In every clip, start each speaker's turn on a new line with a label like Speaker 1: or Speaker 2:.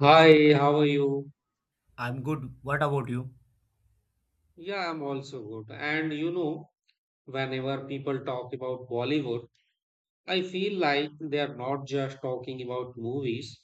Speaker 1: Hi, how are you?
Speaker 2: I'm good. What about you?
Speaker 1: Yeah, I'm also good. And you know, whenever people talk about Bollywood, I feel like they are not just talking about movies,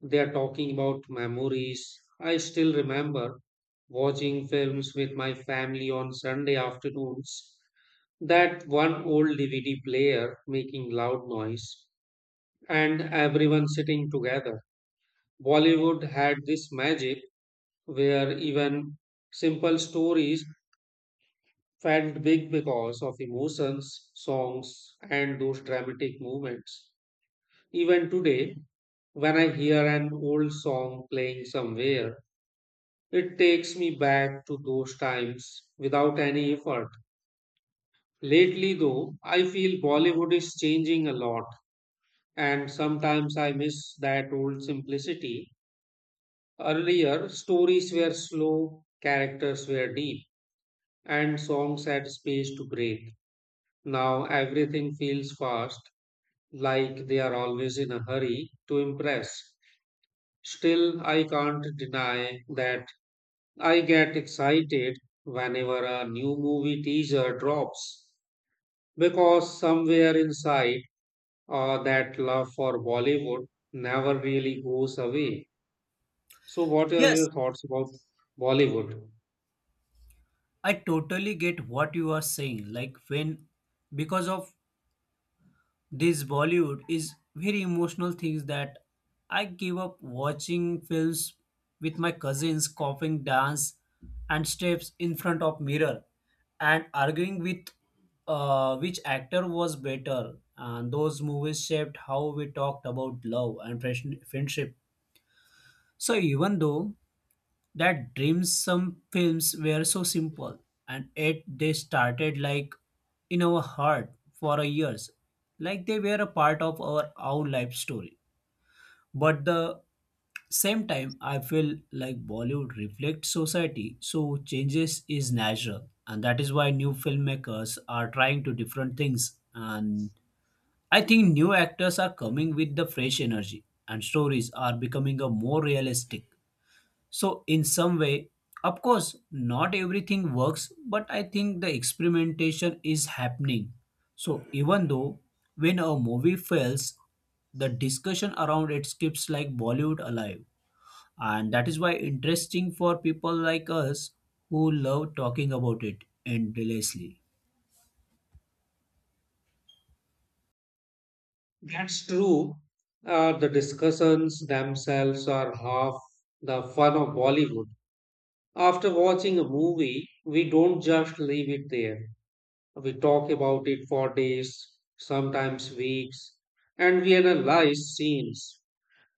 Speaker 1: they are talking about memories. I still remember watching films with my family on Sunday afternoons, that one old DVD player making loud noise, and everyone sitting together. Bollywood had this magic where even simple stories felt big because of emotions, songs, and those dramatic moments. Even today, when I hear an old song playing somewhere, it takes me back to those times without any effort. Lately, though, I feel Bollywood is changing a lot, and sometimes I miss that old simplicity. Earlier, stories were slow, characters were deep, and songs had space to breathe. Now everything feels fast, like they are always in a hurry to impress. Still, I can't deny that I get excited whenever a new movie teaser drops because somewhere inside that love for Bollywood never really goes away. So, what are
Speaker 2: Yes,
Speaker 1: your thoughts about Bollywood?
Speaker 2: I totally get what you are saying. Like when because of this Bollywood is very emotional things that I gave up watching films with my cousins coughing dance and steps in front of mirror and arguing with which actor was better, and those movies shaped how we talked about love and fresh- friendship. So even though that dreams, some films were so simple and yet they started like in our heart for a years, like they were a part of our own life story. But the same time I feel like Bollywood reflects society, so changes is natural, and that is why new filmmakers are trying to different things. And I think new actors are coming with the fresh energy and stories are becoming a more realistic. So, in some way, of course, not everything works, but I think the experimentation is happening. So, even though when a movie fails, the discussion around it keeps like Bollywood alive. And that is why interesting for people like us who love talking about it endlessly.
Speaker 1: That's true. The discussions themselves are half the fun of Bollywood. After watching a movie, we don't just leave it there. We talk about it for days, sometimes weeks, and we analyze scenes,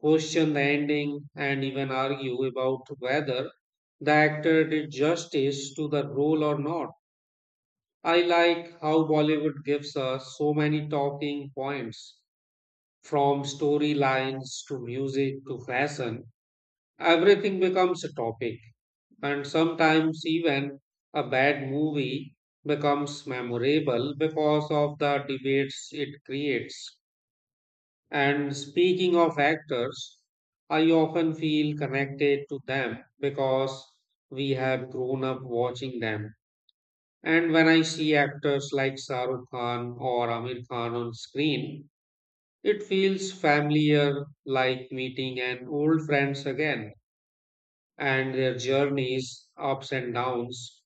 Speaker 1: question the ending, and even argue about whether the actor did justice to the role or not. I like how Bollywood gives us so many talking points from storylines to music to fashion. Everything becomes a topic, and sometimes even a bad movie becomes memorable because of the debates it creates. And speaking of actors, I often feel connected to them because we have grown up watching them. And when I see actors like Shah Rukh Khan or Amir Khan on screen, it feels familiar, like meeting an old friends again, and their journeys, ups and downs,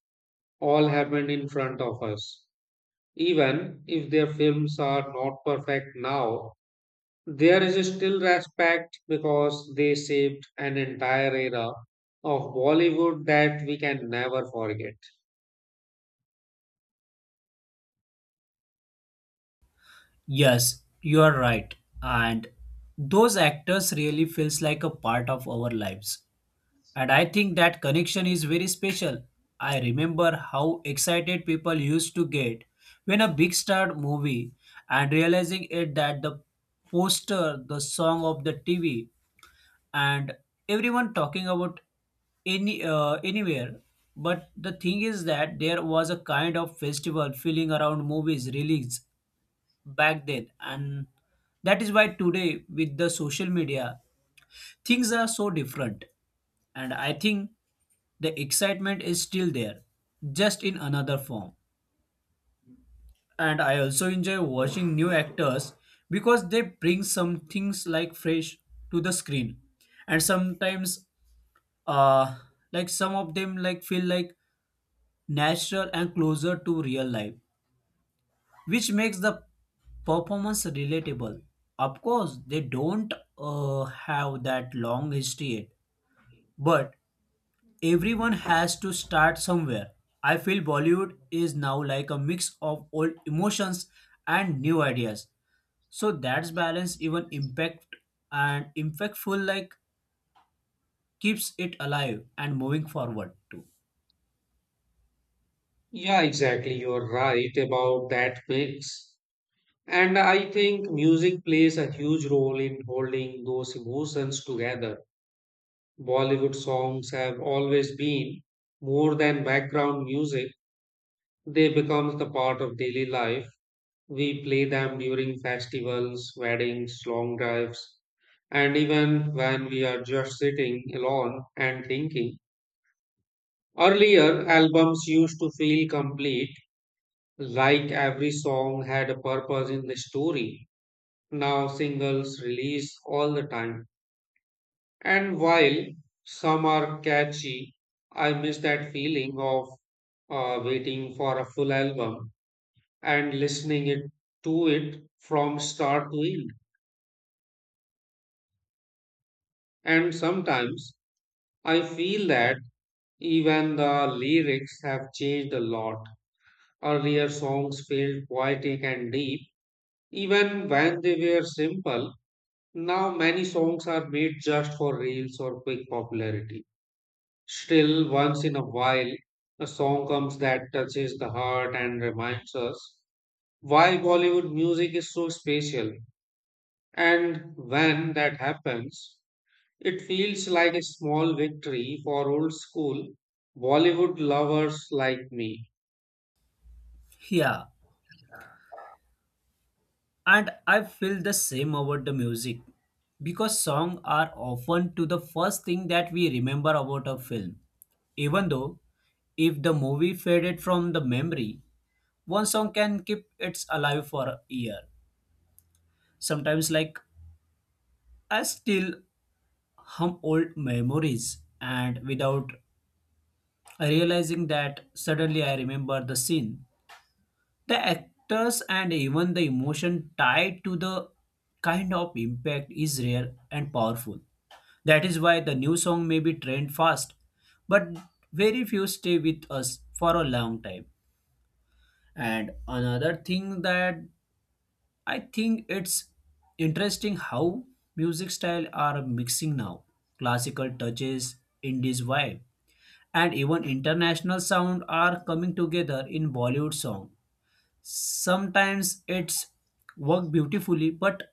Speaker 1: all happened in front of us. Even if their films are not perfect now, there is still respect because they shaped an entire era of Bollywood that we can never forget.
Speaker 2: Yes, you are right. And those actors really feels like a part of our lives. And I think that connection is very special. I remember how excited people used to get when a big star movie and realizing it that the poster, the song of the TV, and everyone talking about any anywhere. But the thing is that there was a kind of festival feeling around movies release back then, and that is why today with the social media things are so different. And I think the excitement is still there, just in another form. And I also enjoy watching new actors because they bring some things like fresh to the screen. And sometimes uh like some of them like feel like natural and closer to real life, which makes the performance relatable. Of course they don't have that long history yet, but everyone has to start somewhere. I feel Bollywood is now like a mix of old emotions and new ideas, so that's balance even impact and impactful like keeps it alive and moving forward too.
Speaker 1: Yeah, exactly. You're right about that mix. And I think music plays a huge role in holding those emotions together. Bollywood songs have always been more than background music, they become the part of daily life. We play them during festivals, weddings, long drives, and even when we are just sitting alone and thinking. Earlier, albums used to feel complete, like every song had a purpose in the story. Now, singles release all the time. And while some are catchy, I miss that feeling of waiting for a full album and listening it to it from start to end. And sometimes I feel that even the lyrics have changed a lot. Earlier songs felt poetic and deep, even when they were simple. Now many songs are made just for reels or quick popularity. Still, once in a while, a song comes that touches the heart and reminds us why Bollywood music is so special. And when that happens, it feels like a small victory for old school Bollywood lovers like me.
Speaker 2: Yeah, and I feel the same about the music because songs are often to the first thing that we remember about a film. Even though if the movie faded from the memory, one song can keep it alive for a year. Sometimes like I still hum old memories and without realizing that suddenly I remember the scene, the actors, and even the emotion tied to the kind of impact is rare and powerful. That is why the new song may be trend fast, but very few stay with us for a long time. And another thing that I think it's interesting how music style are mixing now. Classical touches, indies vibe, and even international sound are coming together in Bollywood song. Sometimes it's work beautifully, but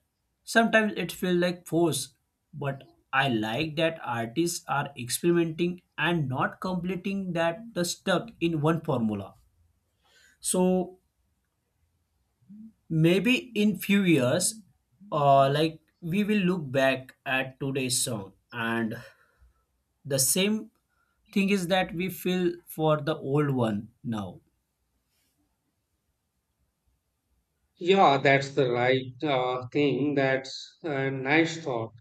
Speaker 2: sometimes it feels like force. But I like that artists are experimenting and not completing that the stuck in one formula. So maybe in few years, like we will look back at today's song, and the same thing is that we feel for the old one now.
Speaker 1: Yeah, that's the right thing. That's a nice thought.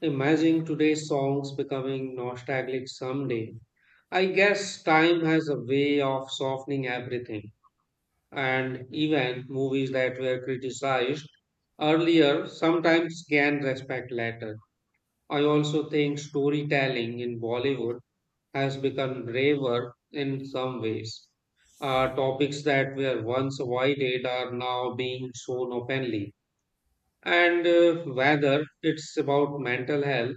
Speaker 1: Imagine today's songs becoming nostalgic someday. I guess time has a way of softening everything, and even movies that were criticized earlier sometimes can respect later. I also think storytelling in Bollywood has become braver in some ways. Topics that were once avoided are now being shown openly. And whether it's about mental health,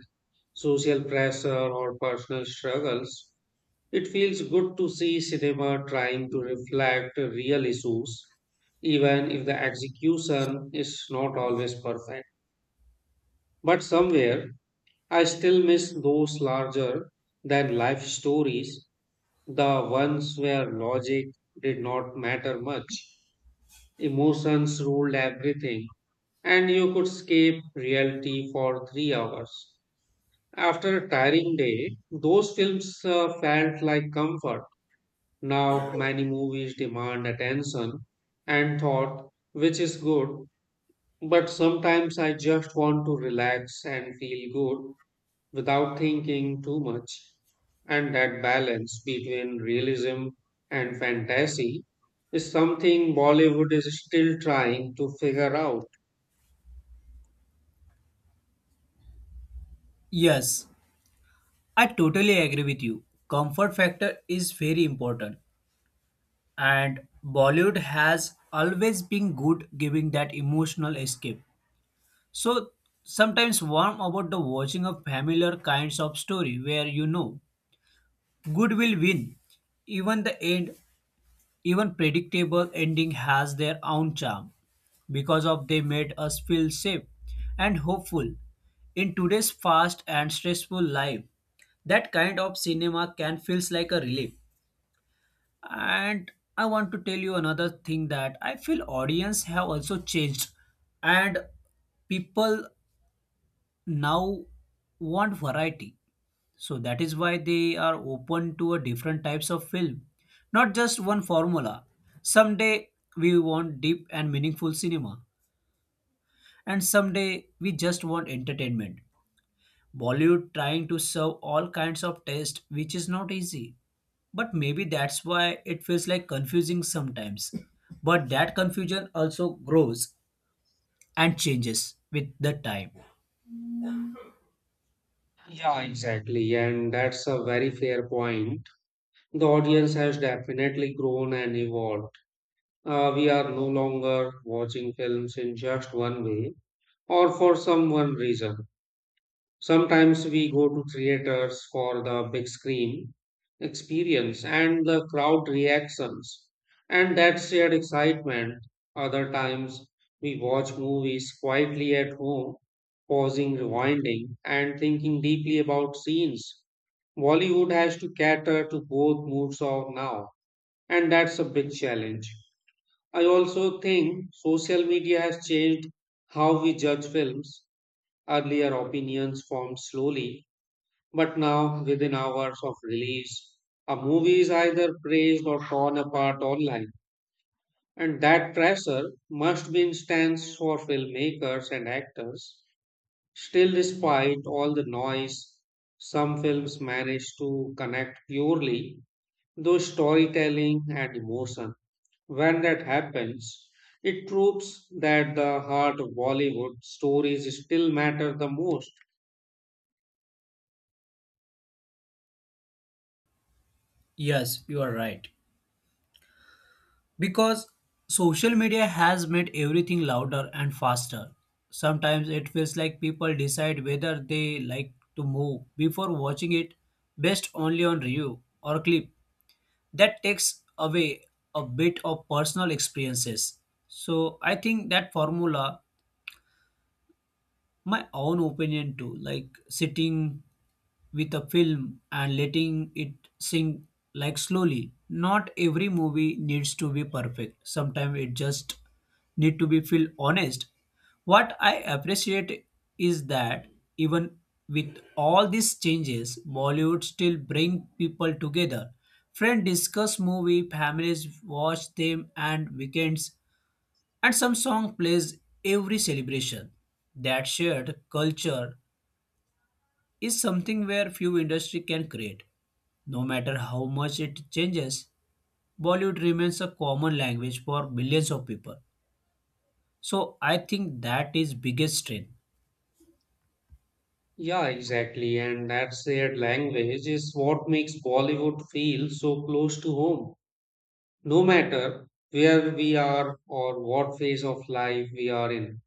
Speaker 1: social pressure, or personal struggles, it feels good to see cinema trying to reflect real issues, even if the execution is not always perfect. But somewhere, I still miss those larger than life stories, the ones where logic did not matter much. Emotions ruled everything, and you could escape reality for 3 hours. After a tiring day, those films felt like comfort. Now, many movies demand attention and thought, which is good, but sometimes I just want to relax and feel good without thinking too much, and that balance between realism and fantasy is something Bollywood is still trying to figure out.
Speaker 2: Yes, I totally agree with you. Comfort factor is very important, and Bollywood has always been good giving that emotional escape. So sometimes warm about the watching of familiar kinds of story where you know good will win even the end. Even predictable ending has their own charm because of they made us feel safe and hopeful. In today's fast and stressful life, that kind of cinema can feels like a relief. And I want to tell you another thing that I feel audience have also changed, and people now want variety, so that is why they are open to a different types of film, not just one formula. Someday we want deep and meaningful cinema, and someday we just want entertainment. Bollywood trying to serve all kinds of taste, which is not easy. But maybe that's why it feels like confusing sometimes. But that confusion also grows and changes with the time.
Speaker 1: Yeah, exactly, and that's a very fair point. The audience has definitely grown and evolved. We are no longer watching films in just one way or for some one reason. Sometimes we go to theaters for the big screen experience and the crowd reactions and that shared excitement. Other times we watch movies quietly at home, pausing, rewinding, and thinking deeply about scenes. Bollywood has to cater to both moods of now, and that's a big challenge. I also think social media has changed how we judge films. Earlier opinions formed slowly, but now, within hours of release, a movie is either praised or torn apart online. And that pressure must be intense for filmmakers and actors. Still, despite all the noise, some films manage to connect purely through storytelling and emotion. When that happens, it proves that the heart of Bollywood stories still matter the most.
Speaker 2: Yes, you are right. Because social media has made everything louder and faster. Sometimes it feels like people decide whether they like to move before watching it based only on review or clip. That takes away a bit of personal experiences. So I think that formula, my own opinion too, like sitting with a film and letting it sink like slowly. Not every movie needs to be perfect. Sometimes it just need to be feel honest. What I appreciate is that even with all these changes, Bollywood still bring people together. Friends discuss movie, families watch them and weekends, and some song plays every celebration. That shared culture is something where few industry can create. No matter how much it changes, Bollywood remains a common language for millions of people. So I think that is biggest strength.
Speaker 1: Yeah, exactly. And that shared language is what makes Bollywood feel so close to home, no matter where we are or what phase of life we are in.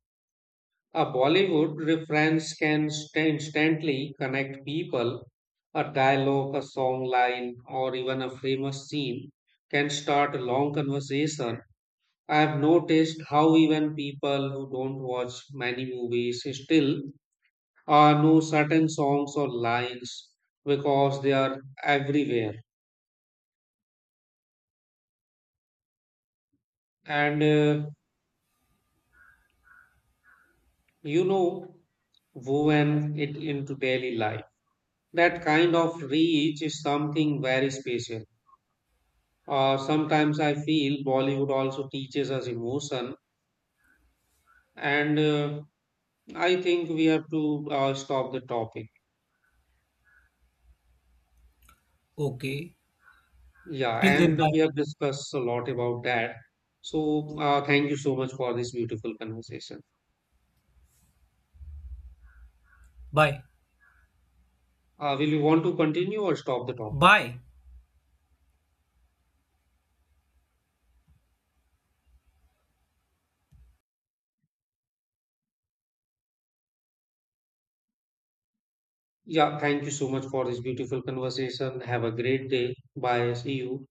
Speaker 1: A Bollywood reference can instantly connect people. A dialogue, a song line, or even a famous scene can start a long conversation. I have noticed how even people who don't watch many movies still know certain songs or lines because they are everywhere, and you know woven it into daily life. That kind of reach is something very special. Sometimes I feel Bollywood also teaches us emotion, and I think we have to stop the topic.
Speaker 2: Okay.
Speaker 1: Yeah,
Speaker 2: Till then,
Speaker 1: and
Speaker 2: bye.
Speaker 1: we have discussed a lot about that. So thank you so much for this beautiful conversation.
Speaker 2: Bye.
Speaker 1: Will you want to continue or stop the topic?
Speaker 2: Bye.
Speaker 1: Yeah, thank you so much for this beautiful conversation. Have a great day. Bye. See you.